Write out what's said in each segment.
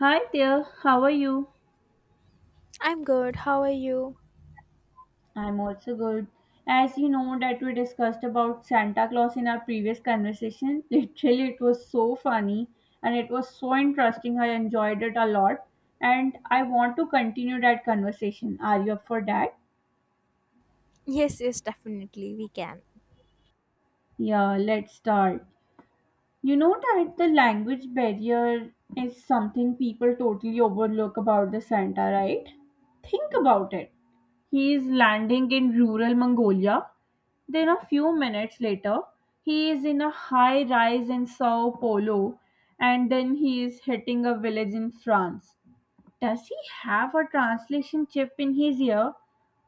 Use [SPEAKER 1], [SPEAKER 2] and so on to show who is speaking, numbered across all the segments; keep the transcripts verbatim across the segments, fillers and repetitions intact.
[SPEAKER 1] Hi there, how are you?
[SPEAKER 2] I'm good. How are you?
[SPEAKER 1] I'm also good. As you know that we discussed about Santa Claus in our previous conversation, literally it was so funny and it was so interesting. I enjoyed it a lot and I want to continue that conversation. Are you up for that?
[SPEAKER 2] Yes, yes, definitely we can.
[SPEAKER 1] Yeah, let's start. You know that the language barrier is something people totally overlook about the Santa, right? Think about it. He is landing in rural Mongolia. Then a few minutes later, he is in a high rise in Sao Paulo and then he is hitting a village in France. Does he have a translation chip in his ear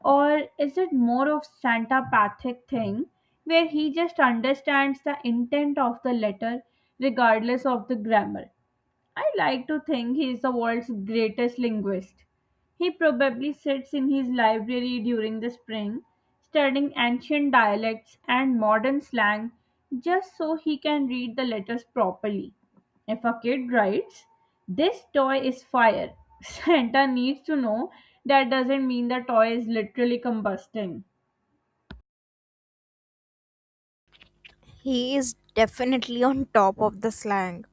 [SPEAKER 1] or is it more of Santa pathic thing where he just understands the intent of the letter regardless of the grammar? I like to think he is the world's greatest linguist. He probably sits in his library during the spring, studying ancient dialects and modern slang just so he can read the letters properly. If a kid writes, "This toy is fire," Santa needs to know that doesn't mean the toy is literally combusting.
[SPEAKER 2] He is definitely on top of the slang.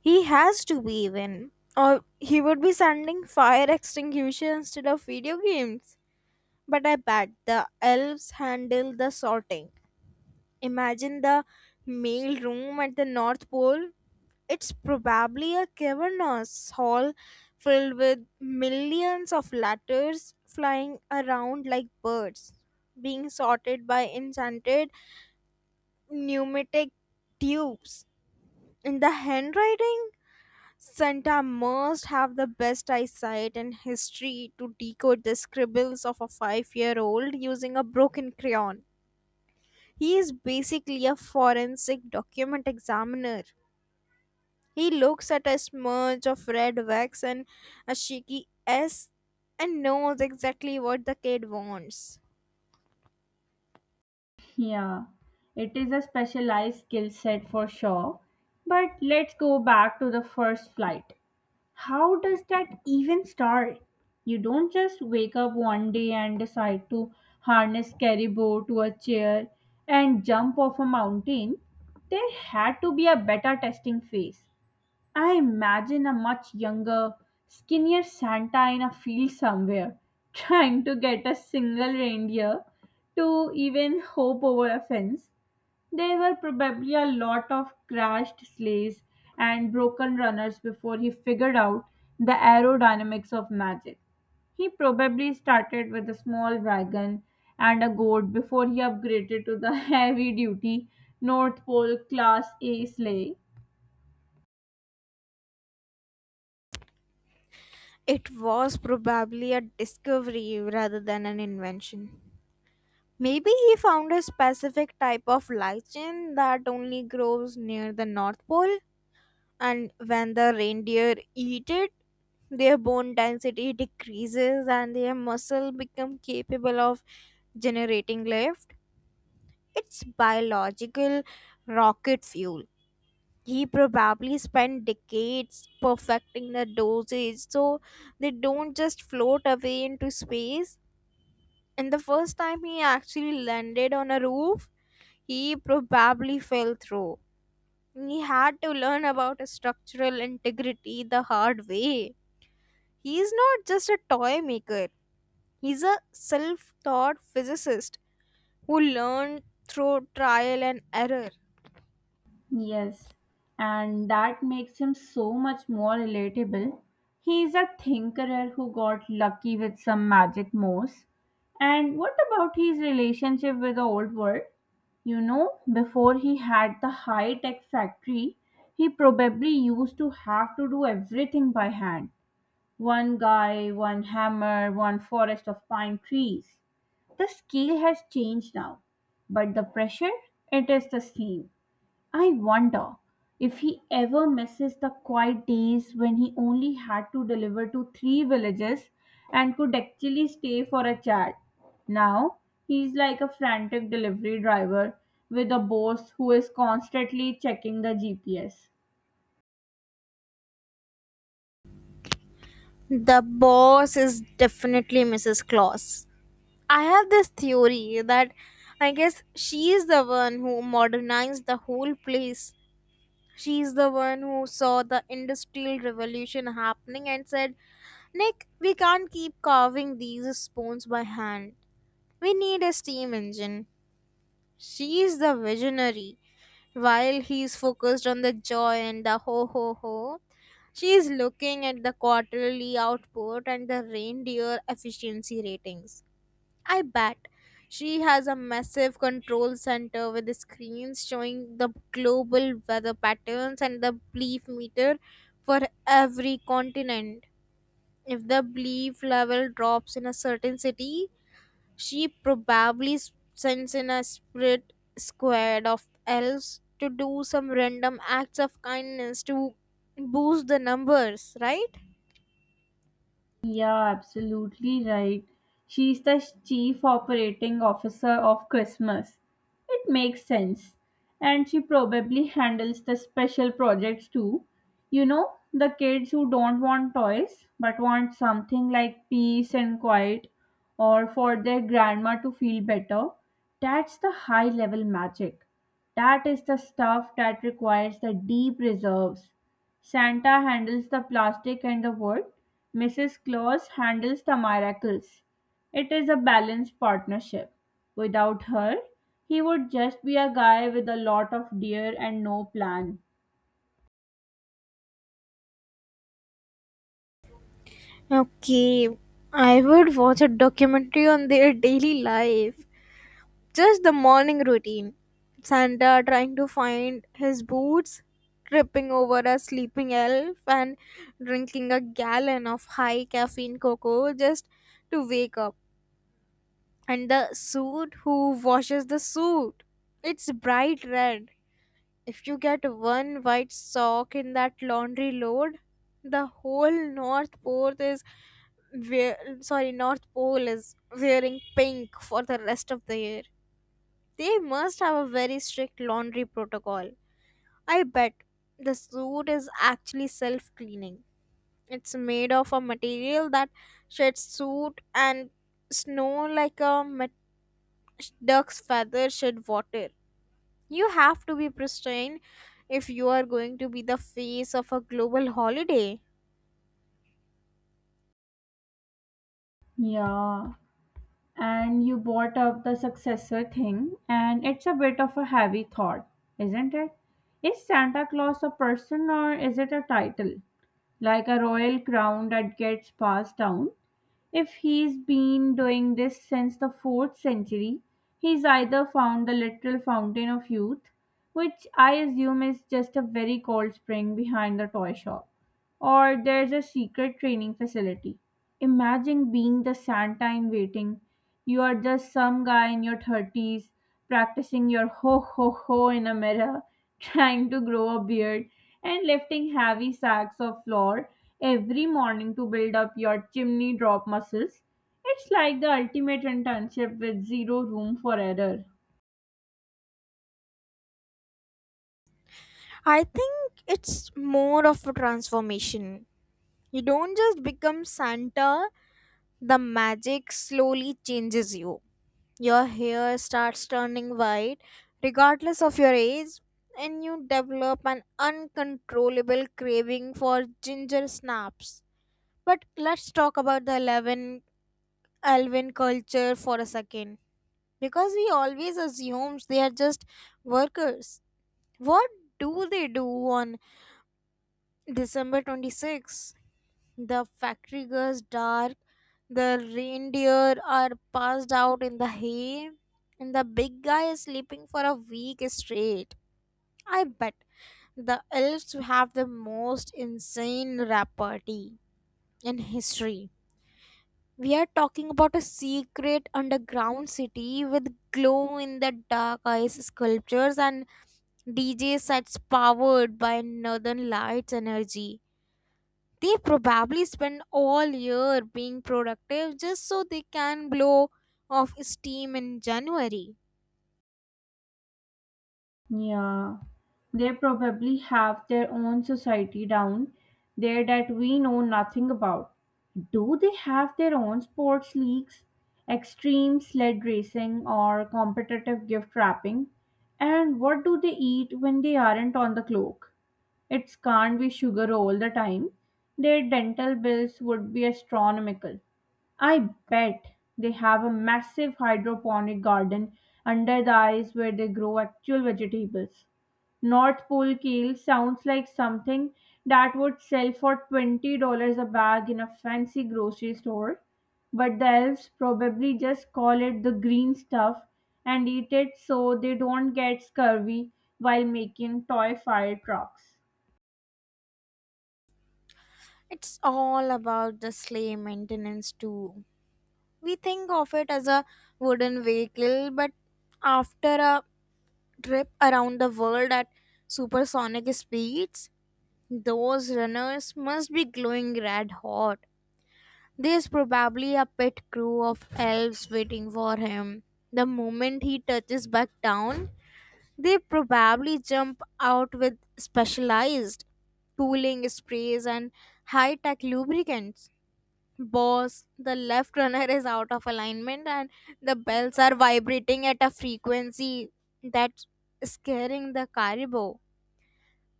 [SPEAKER 2] He has to be even, or he would be sending fire extinguisher instead of video games. But I bet the elves handle the sorting. Imagine the mail room at the North Pole. It's probably a cavernous hall filled with millions of letters flying around like birds, being sorted by enchanted pneumatic tubes. In the handwriting, Santa must have the best eyesight in history to decode the scribbles of a five year old using a broken crayon. He is basically a forensic document examiner. He looks at a smudge of red wax and a shaky S and knows exactly what the kid wants.
[SPEAKER 1] Yeah, it is a specialized skill set for sure. But let's go back to the first flight. How does that even start? You don't just wake up one day and decide to harness caribou to a chair and jump off a mountain. There had to be a beta testing phase. I imagine a much younger, skinnier Santa in a field somewhere, trying to get a single reindeer to even hope over a fence. There were probably a lot of crashed sleighs and broken runners before he figured out the aerodynamics of magic. He probably started with a small wagon and a goat before he upgraded to the heavy duty North Pole Class A sleigh.
[SPEAKER 2] It was probably a discovery rather than an invention. Maybe he found a specific type of lichen that only grows near the North Pole, and when the reindeer eat it, their bone density decreases and their muscle become capable of generating lift. It's biological rocket fuel. He probably spent decades perfecting the dosage, so they don't just float away into space. And the first time he actually landed on a roof, he probably fell through. He had to learn about structural integrity the hard way. He's not just a toy maker, he's a self taught physicist who learned through trial and error.
[SPEAKER 1] Yes, and that makes him so much more relatable. He's a thinkerer who got lucky with some magic moves. And what about his relationship with the old world? You know, before he had the high tech factory, he probably used to have to do everything by hand. One guy, one hammer, one forest of pine trees. The scale has changed now, but the pressure, it is the same. I wonder if he ever misses the quiet days when he only had to deliver to three villages and could actually stay for a chat. Now he's like a frantic delivery driver with a boss who is constantly checking the G P S.
[SPEAKER 2] The boss is definitely Missus Claus. I have this theory that I guess she is the one who modernized the whole place. She is the one who saw the industrial revolution happening and said, "Nick, we can't keep carving these spoons by hand. We need a steam engine." She is the visionary. While he's focused on the joy and the ho ho ho, she is looking at the quarterly output and the reindeer efficiency ratings. I bet she has a massive control center with the screens showing the global weather patterns and the belief meter for every continent. If the belief level drops in a certain city, she probably s- sends in a spirit squad of elves to do some random acts of kindness to boost the numbers, right?
[SPEAKER 1] Yeah, absolutely right. She's the chief operating officer of Christmas. It makes sense. And she probably handles the special projects too. You know, the kids who don't want toys but want something like peace and quiet or for their grandma to feel better. That's the high level magic. That is the stuff that requires the deep reserves. Santa handles the plastic and the wood, Missus Claus handles the miracles. It is a balanced partnership. Without her, he would just be a guy with a lot of deer and no plan.
[SPEAKER 2] Okay, I would watch a documentary on their daily life. Just the morning routine. Santa trying to find his boots, tripping over a sleeping elf, and drinking a gallon of high caffeine cocoa just to wake up. And the suit, who washes the suit? It's bright red. If you get one white sock in that laundry load, the whole North Pole is wear, sorry, North Pole is wearing pink for the rest of the year. They must have a very strict laundry protocol. I bet the suit is actually self-cleaning. It's made of a material that sheds soot and snow like a duck's feather shed water. You have to be pristine if you are going to be the face of a global holiday.
[SPEAKER 1] Yeah, and you brought up the successor thing, and it's a bit of a heavy thought, isn't it? Is Santa Claus a person or is it a title, like a royal crown that gets passed down? If he's been doing this since the fourth century, he's either found the literal fountain of youth, which I assume is just a very cold spring behind the toy shop, or there's a secret training facility. Imagine being the Santa in waiting. You are just some guy in your thirties practicing your ho ho ho in a mirror, trying to grow a beard, and lifting heavy sacks of flour every morning to build up your chimney drop muscles. It's like the ultimate internship with zero room for error.
[SPEAKER 2] I think it's more of a transformation. You don't just become Santa, the magic slowly changes you. Your hair starts turning white, regardless of your age, and you develop an uncontrollable craving for ginger snaps. But let's talk about the eleven Alvin culture for a second, because we always assume they are just workers. What do they do on December twenty-sixth? The factory goes dark, the reindeer are passed out in the hay, and the big guy is sleeping for a week straight. I bet the elves have the most insane rap party in history. We are talking about a secret underground city with glow in the dark ice sculptures and D J sets powered by northern lights energy. They probably spend all year being productive just so they can blow off steam in January.
[SPEAKER 1] Yeah, they probably have their own society down there that we know nothing about. Do they have their own sports leagues, extreme sled racing, or competitive gift wrapping? And what do they eat when they aren't on the clock? It's can't be sugar all the time. Their dental bills would be astronomical. I bet they have a massive hydroponic garden under the ice where they grow actual vegetables. North Pole kale sounds like something that would sell for twenty dollars a bag in a fancy grocery store, but the elves probably just call it the green stuff and eat it so they don't get scurvy while making toy fire trucks.
[SPEAKER 2] It's all about the sleigh maintenance too. We think of it as a wooden vehicle, but after a trip around the world at supersonic speeds, those runners must be glowing red hot. There's probably a pet crew of elves waiting for him. The moment he touches back down, they probably jump out with specialized cooling sprays and high tech lubricants. "Boss, the left runner is out of alignment and the bells are vibrating at a frequency that's scaring the caribou."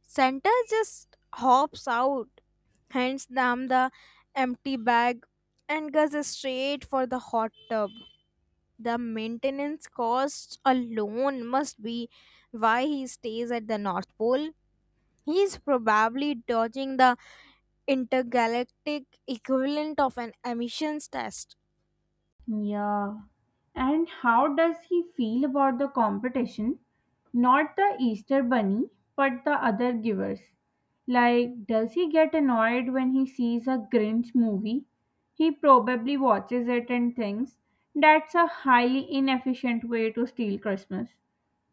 [SPEAKER 2] Santa just hops out, hands them the empty bag, and goes straight for the hot tub. The maintenance costs alone must be why he stays at the North Pole. He is probably dodging the intergalactic equivalent of an emissions test.
[SPEAKER 1] Yeah. And how does he feel about the competition? Not the Easter bunny, but the other givers. Like, does he get annoyed when he sees a Grinch movie? He probably watches it and thinks that's a highly inefficient way to steal Christmas.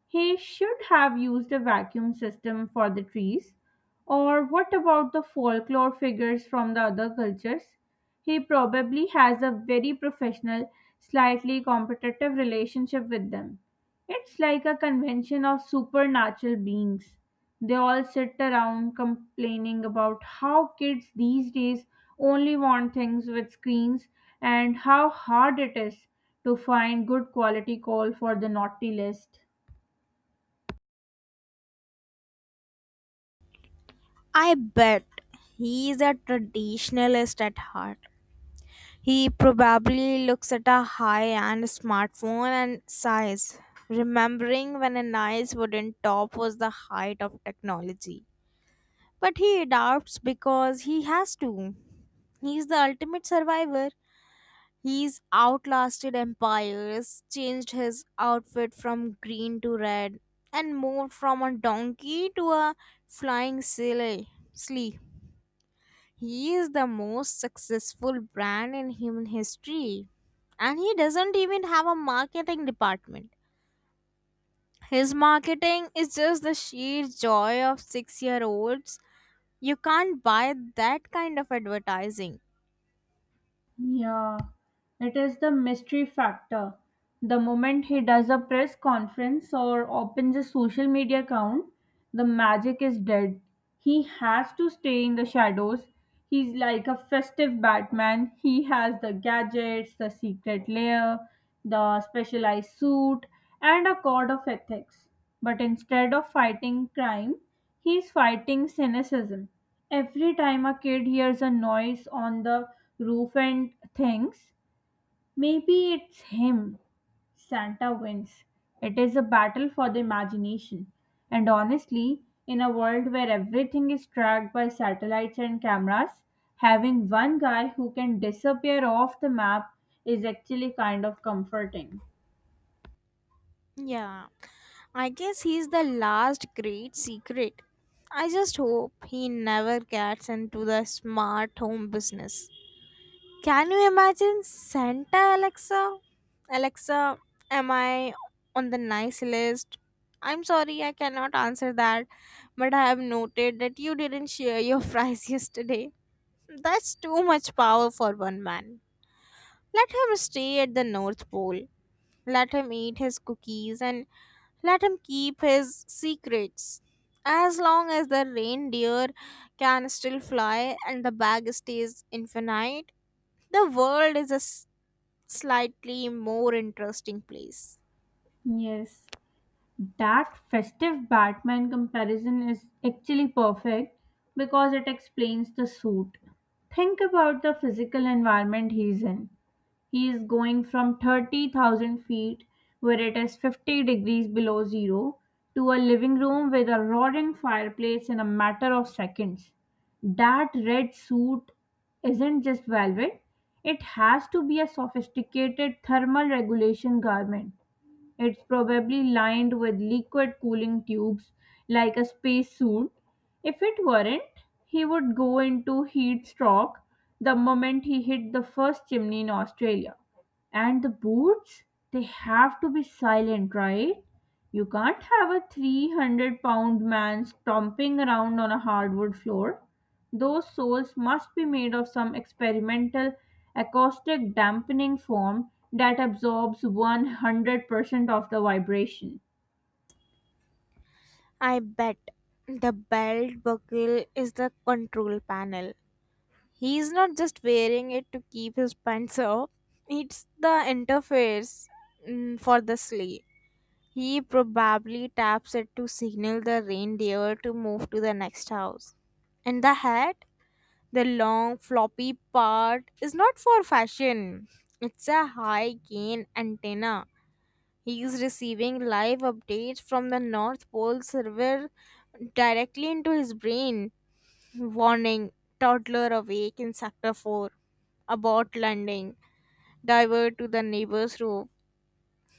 [SPEAKER 1] He should have used a vacuum system for the trees. Or what about the folklore figures from the other cultures? He probably has a very professional, slightly competitive relationship with them. It's like a convention of supernatural beings. They all sit around complaining about how kids these days only want things with screens and how hard it is to find good quality coal for the naughty list.
[SPEAKER 2] I bet he is a traditionalist at heart. He probably looks at a high-end smartphone and sighs, remembering when a nice wooden top was the height of technology. But he adapts because he has to. He's the ultimate survivor. He's outlasted empires, changed his outfit from green to red, and moved from a donkey to a flying sleigh. sleigh. He is the most successful brand in human history. And he doesn't even have a marketing department. His marketing is just the sheer joy of six year olds. You can't buy that kind of advertising.
[SPEAKER 1] Yeah, it is the mystery factor. The moment he does a press conference or opens a social media account, the magic is dead. He has to stay in the shadows. He's like a festive Batman. He has the gadgets, the secret layer, the specialized suit, and a code of ethics. But instead of fighting crime, he's fighting cynicism. Every time a kid hears a noise on the roof and thinks, maybe it's him, Santa wins. It is a battle for the imagination. And honestly, in a world where everything is tracked by satellites and cameras, having one guy who can disappear off the map is actually kind of comforting.
[SPEAKER 2] Yeah, I guess he's the last great secret. I just hope he never gets into the smart home business. Can you imagine Santa Alexa? "Alexa, am I on the nice list?" "I'm sorry, I cannot answer that, but I have noted that you didn't share your fries yesterday." That's too much power for one man. Let him stay at the North Pole. Let him eat his cookies and let him keep his secrets. As long as the reindeer can still fly and the bag stays infinite, the world is a s- slightly more interesting place.
[SPEAKER 1] Yes. That festive Batman comparison is actually perfect because it explains the suit. Think about the physical environment he's in. He is going from thirty thousand feet, where it is fifty degrees below zero, to a living room with a roaring fireplace in a matter of seconds. That red suit isn't just velvet, it has to be a sophisticated thermal regulation garment. It's probably lined with liquid cooling tubes like a spacesuit. If it weren't, he would go into heat stroke the moment he hit the first chimney in Australia. And the boots, they have to be silent, right? You can't have a three hundred pound man stomping around on a hardwood floor. Those soles must be made of some experimental acoustic dampening form that absorbs one hundred percent of the vibration.
[SPEAKER 2] I bet the belt buckle is the control panel. He's not just wearing it to keep his pants up, it's the interface mm, for the sleigh. He probably taps it to signal the reindeer to move to the next house. And the hat, the long floppy part, is not for fashion, it's a high gain antenna. He is receiving live updates from the North Pole server directly into his brain. "Warning, toddler awake in sector four. Abort landing. Divert to the neighbor's roof."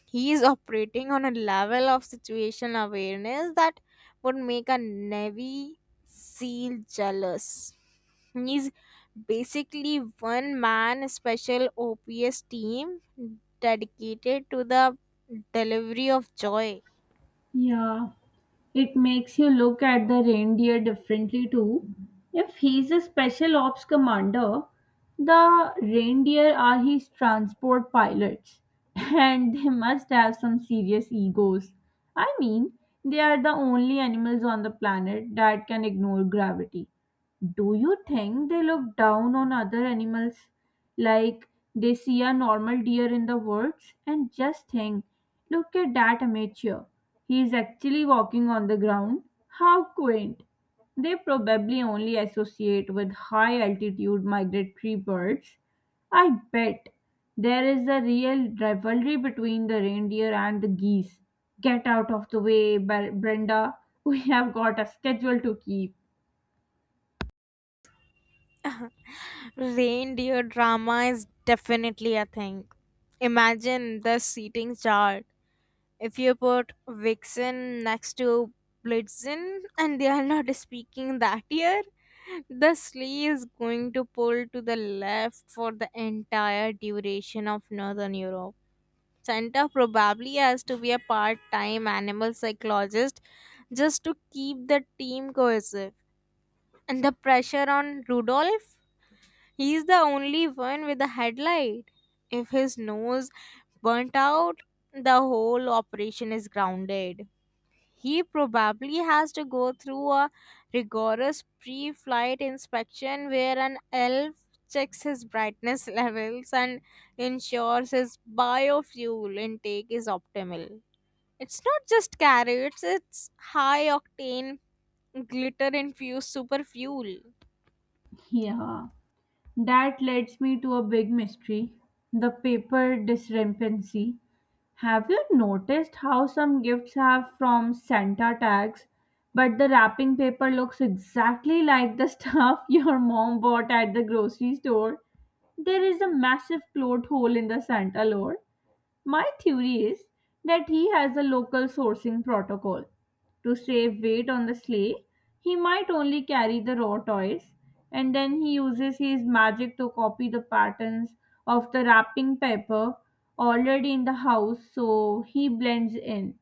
[SPEAKER 2] He is operating on a level of situational awareness that would make a Navy SEAL jealous. He's basically one man special OPS team dedicated to the delivery of joy.
[SPEAKER 1] Yeah, it makes you look at the reindeer differently too. If he's a special ops commander, the reindeer are his transport pilots, and they must have some serious egos. I mean, they are the only animals on the planet that can ignore gravity. Do you think they look down on other animals like they see a normal deer in the woods and just think, look at that amateur? He is actually walking on the ground. How quaint! They probably only associate with high altitude migratory birds. I bet there is a real rivalry between the reindeer and the geese. Get out of the way, Bre- Brenda. We have got a schedule to keep.
[SPEAKER 2] Reindeer drama is definitely a thing. Imagine the seating chart. If you put Vixen next to Blitzen and they are not speaking that year, the sleigh is going to pull to the left for the entire duration of Northern Europe. Santa probably has to be a part time animal psychologist just to keep the team cohesive. And the pressure on Rudolph? He's the only one with a headlight. If his nose burnt out, the whole operation is grounded. He probably has to go through a rigorous pre flight inspection where an elf checks his brightness levels and ensures his biofuel intake is optimal. It's not just carrots, it's high octane, glitter infused super fuel.
[SPEAKER 1] Yeah. That leads me to a big mystery, the paper discrepancy. Have you noticed how some gifts have from Santa tags, but the wrapping paper looks exactly like the stuff your mom bought at the grocery store? There is a massive plot hole in the Santa lore. My theory is that he has a local sourcing protocol. To save weight on the sleigh, he might only carry the raw toys and then he uses his magic to copy the patterns of the wrapping paper already in the house so he blends in.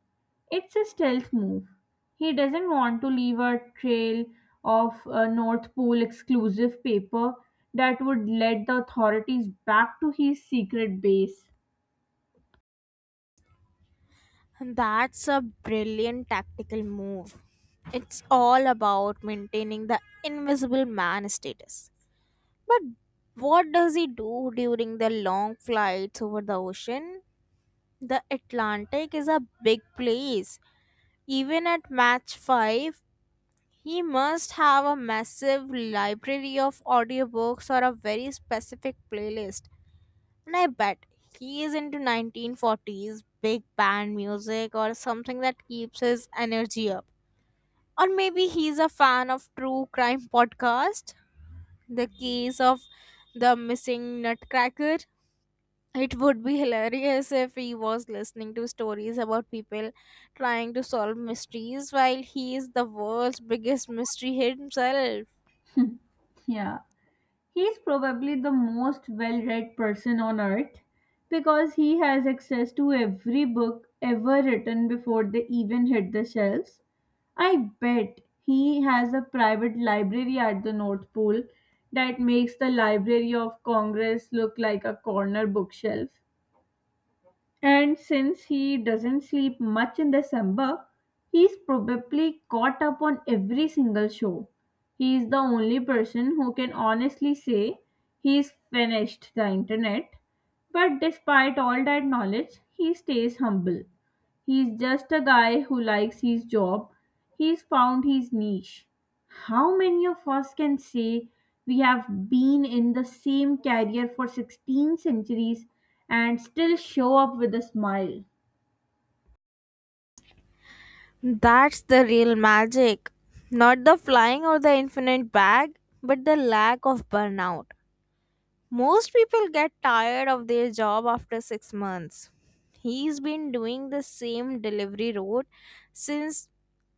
[SPEAKER 1] It's a stealth move. He doesn't want to leave a trail of uh, North Pole exclusive paper that would lead the authorities back to his secret base.
[SPEAKER 2] That's a brilliant tactical move. It's all about maintaining the invisible man status. But what does he do during the long flights over the ocean? The Atlantic is a big place. Even at match five, he must have a massive library of audiobooks or a very specific playlist. And I bet he is into nineteen forties big band music or something that keeps his energy up. Or maybe he's a fan of true crime podcast, "The Case of the Missing Nutcracker." It would be hilarious if he was listening to stories about people trying to solve mysteries while he is the world's biggest mystery himself.
[SPEAKER 1] Yeah. He's probably the most well read person on earth because he has access to every book ever written before they even hit the shelves. I bet he has a private library at the North Pole that makes the Library of Congress look like a corner bookshelf. And since he doesn't sleep much in December, he's probably caught up on every single show. He is the only person who can honestly say he's finished the internet. But despite all that knowledge, he stays humble. He's just a guy who likes his job. He's found his niche. How many of us can say we have been in the same career for sixteen centuries and still show up with a smile?
[SPEAKER 2] That's the real magic. Not the flying or the infinite bag, but the lack of burnout. Most people get tired of their job after six months. He's been doing the same delivery route since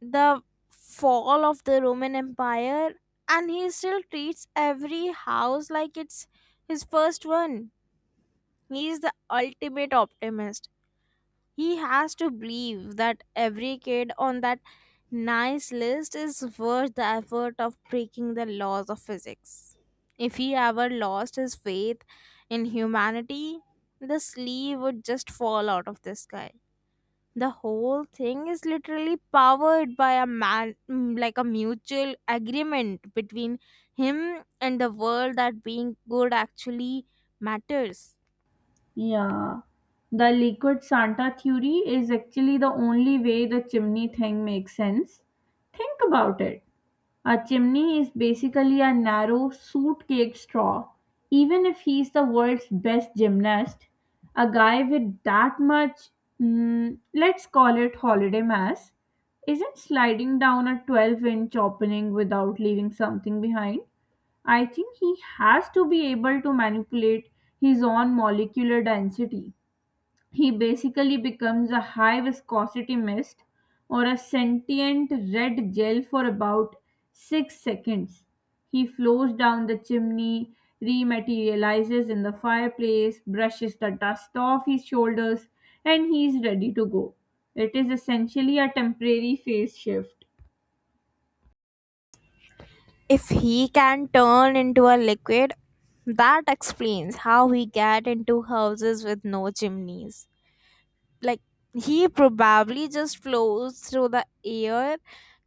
[SPEAKER 2] the fall of the Roman Empire, and he still treats every house like it's his first one. He's the ultimate optimist. He has to believe that every kid on that nice list is worth the effort of breaking the laws of physics. If he ever lost his faith in humanity, the sleeve would just fall out of the sky. The whole thing is literally powered by a man, mm, like a mutual agreement between him and the world that being good actually matters.
[SPEAKER 1] Yeah, the liquid Santa theory is actually the only way the chimney thing makes sense. Think about it. A chimney is basically a narrow, soot-caked straw. Even if he's the world's best gymnast, a guy with that much, mm, let's call it holiday mass, isn't sliding down a twelve inch opening without leaving something behind. I think he has to be able to manipulate his own molecular density. He basically becomes a high viscosity mist or a sentient red gel for about six seconds. He flows down the chimney, rematerializes in the fireplace, brushes the dust off his shoulders, and he's ready to go. It is essentially a temporary phase shift.
[SPEAKER 2] If he can turn into a liquid, that explains how he get into houses with no chimneys. Like, he probably just flows through the air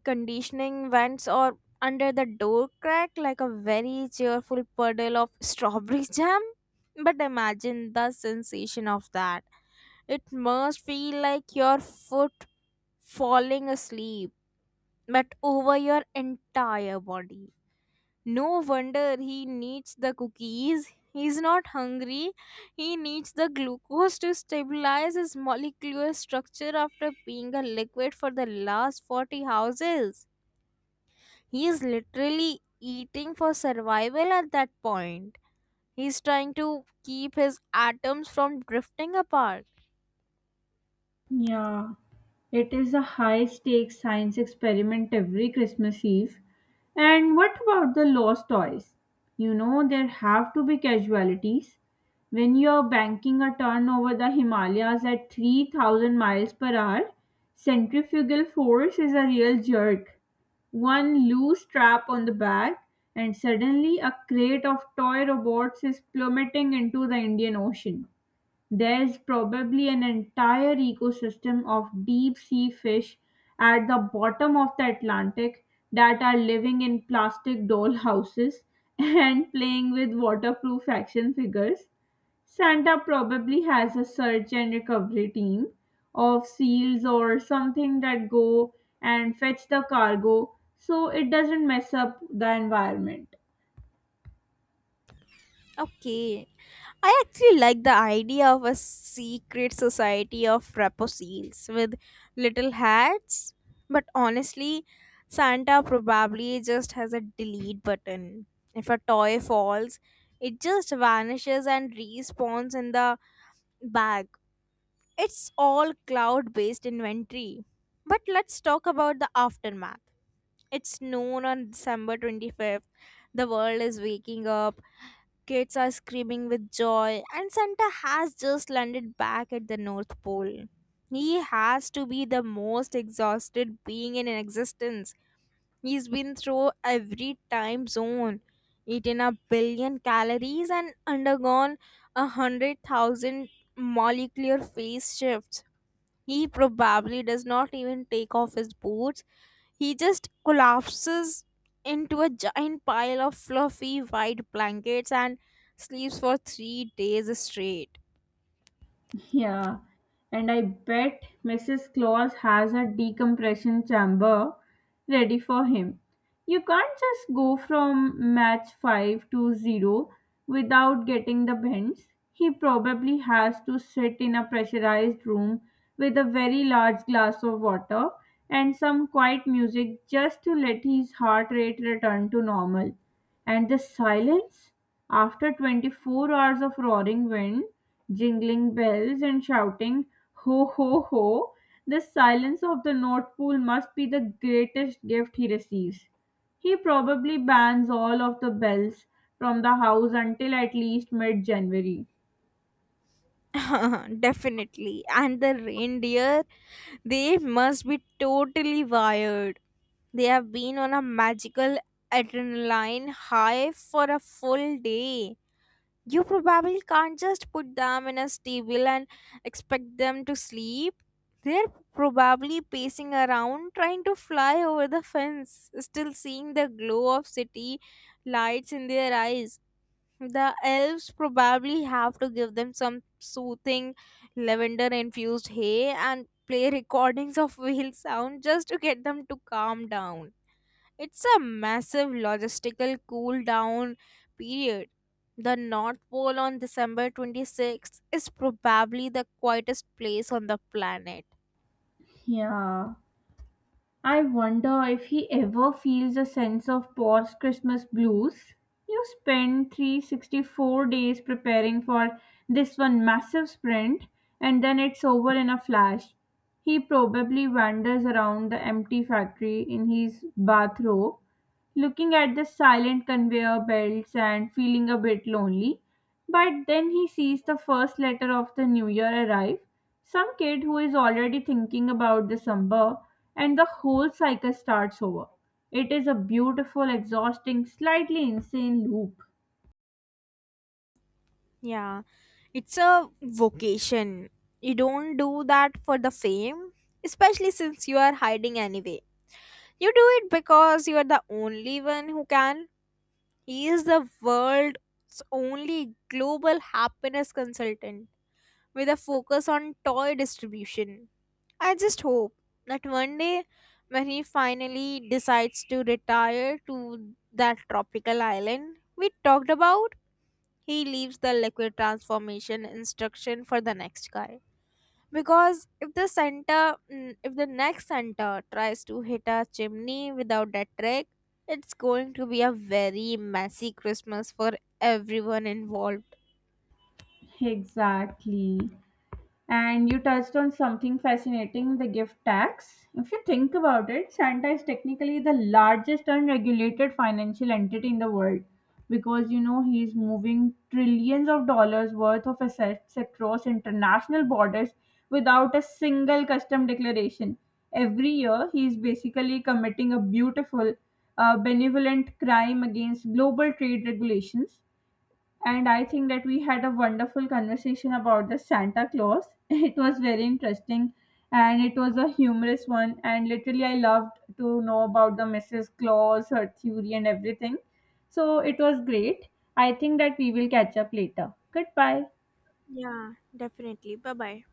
[SPEAKER 2] conditioning vents or under the door crack like a very cheerful puddle of strawberry jam. But imagine the sensation of that. It must feel like your foot falling asleep, but over your entire body. No wonder he needs the cookies. He's not hungry. He needs the glucose to stabilize his molecular structure after being a liquid for the last forty houses. He is literally eating for survival at that point. He's trying to keep his atoms from drifting apart.
[SPEAKER 1] Yeah, it is a high stakes science experiment every Christmas Eve. And what about the lost toys? You know, there have to be casualties. When you're banking a turn over the Himalayas at three thousand miles per hour, centrifugal force is a real jerk. One loose strap on the bag, and suddenly a crate of toy robots is plummeting into the Indian Ocean. There is probably an entire ecosystem of deep-sea fish at the bottom of the Atlantic that are living in plastic dollhouses and playing with waterproof action figures. Santa probably has a search and recovery team of seals or something that go and fetch the cargo so it doesn't mess up the environment.
[SPEAKER 2] Okay, I actually like the idea of a secret society of raposils with little hats, but honestly, Santa probably just has a delete button. If a toy falls, it just vanishes and respawns in the bag. It's all cloud based inventory. But let's talk about the aftermath. It's noon on December twenty-fifth. The world is waking up. Kids are screaming with joy, and Santa has just landed back at the North Pole. He has to be the most exhausted being in existence. He's been through every time zone, eaten a billion calories, and undergone a hundred thousand molecular phase shifts. He probably does not even take off his boots, he just collapses into a giant pile of fluffy white blankets and sleeps for three days straight.
[SPEAKER 1] Yeah, and I bet Missus Claus has a decompression chamber ready for him. You can't just go from match five to zero without getting the bends. He probably has to sit in a pressurized room with a very large glass of water and some quiet music just to let his heart rate return to normal. And the silence? After twenty-four hours of roaring wind, jingling bells, and shouting, ho ho ho, the silence of the North Pole must be the greatest gift he receives. He probably bans all of the bells from the house until at least mid January.
[SPEAKER 2] Definitely. And the reindeer, they must be totally wired. They have been on a magical adrenaline high for a full day. You probably can't just put them in a stable and expect them to sleep. They're probably pacing around trying to fly over the fence, still seeing the glow of city lights in their eyes. The elves probably have to give them some soothing lavender infused hay and play recordings of wheel sound just to get them to calm down. It's a massive logistical cool down period. The North Pole on December twenty-sixth is probably the quietest place on the planet.
[SPEAKER 1] Yeah. I wonder if he ever feels a sense of post Christmas blues. You spend three hundred sixty-four days preparing for this one massive sprint, and then it's over in a flash. He probably wanders around the empty factory in his bathrobe, looking at the silent conveyor belts and feeling a bit lonely. But then he sees the first letter of the new year arrive. Some kid who is already thinking about December, and the whole cycle starts over. It is a beautiful, exhausting, slightly insane loop.
[SPEAKER 2] Yeah, it's a vocation. You don't do that for the fame, especially since you are hiding anyway. You do it because you are the only one who can. He is the world's only global happiness consultant with a focus on toy distribution. I just hope that one day, when he finally decides to retire to that tropical island we talked about, he leaves the liquid transformation instruction for the next guy. Because if the center mm, if the next center tries to hit a chimney without that trick, it's going to be a very messy Christmas for everyone involved.
[SPEAKER 1] Exactly. And you touched on something fascinating, the gift tax. If you think about it, Santa is technically the largest unregulated financial entity in the world because you know he's moving trillions of dollars worth of assets across international borders without a single custom declaration. Every year, he is basically committing a beautiful, uh, benevolent crime against global trade regulations, and I think that we had a wonderful conversation about the Santa Claus. It was very interesting and it was a humorous one. And literally, I loved to know about the Missus Claus, her theory, and everything. So it was great. I think that we will catch up later. Goodbye.
[SPEAKER 2] Yeah, definitely. Bye bye.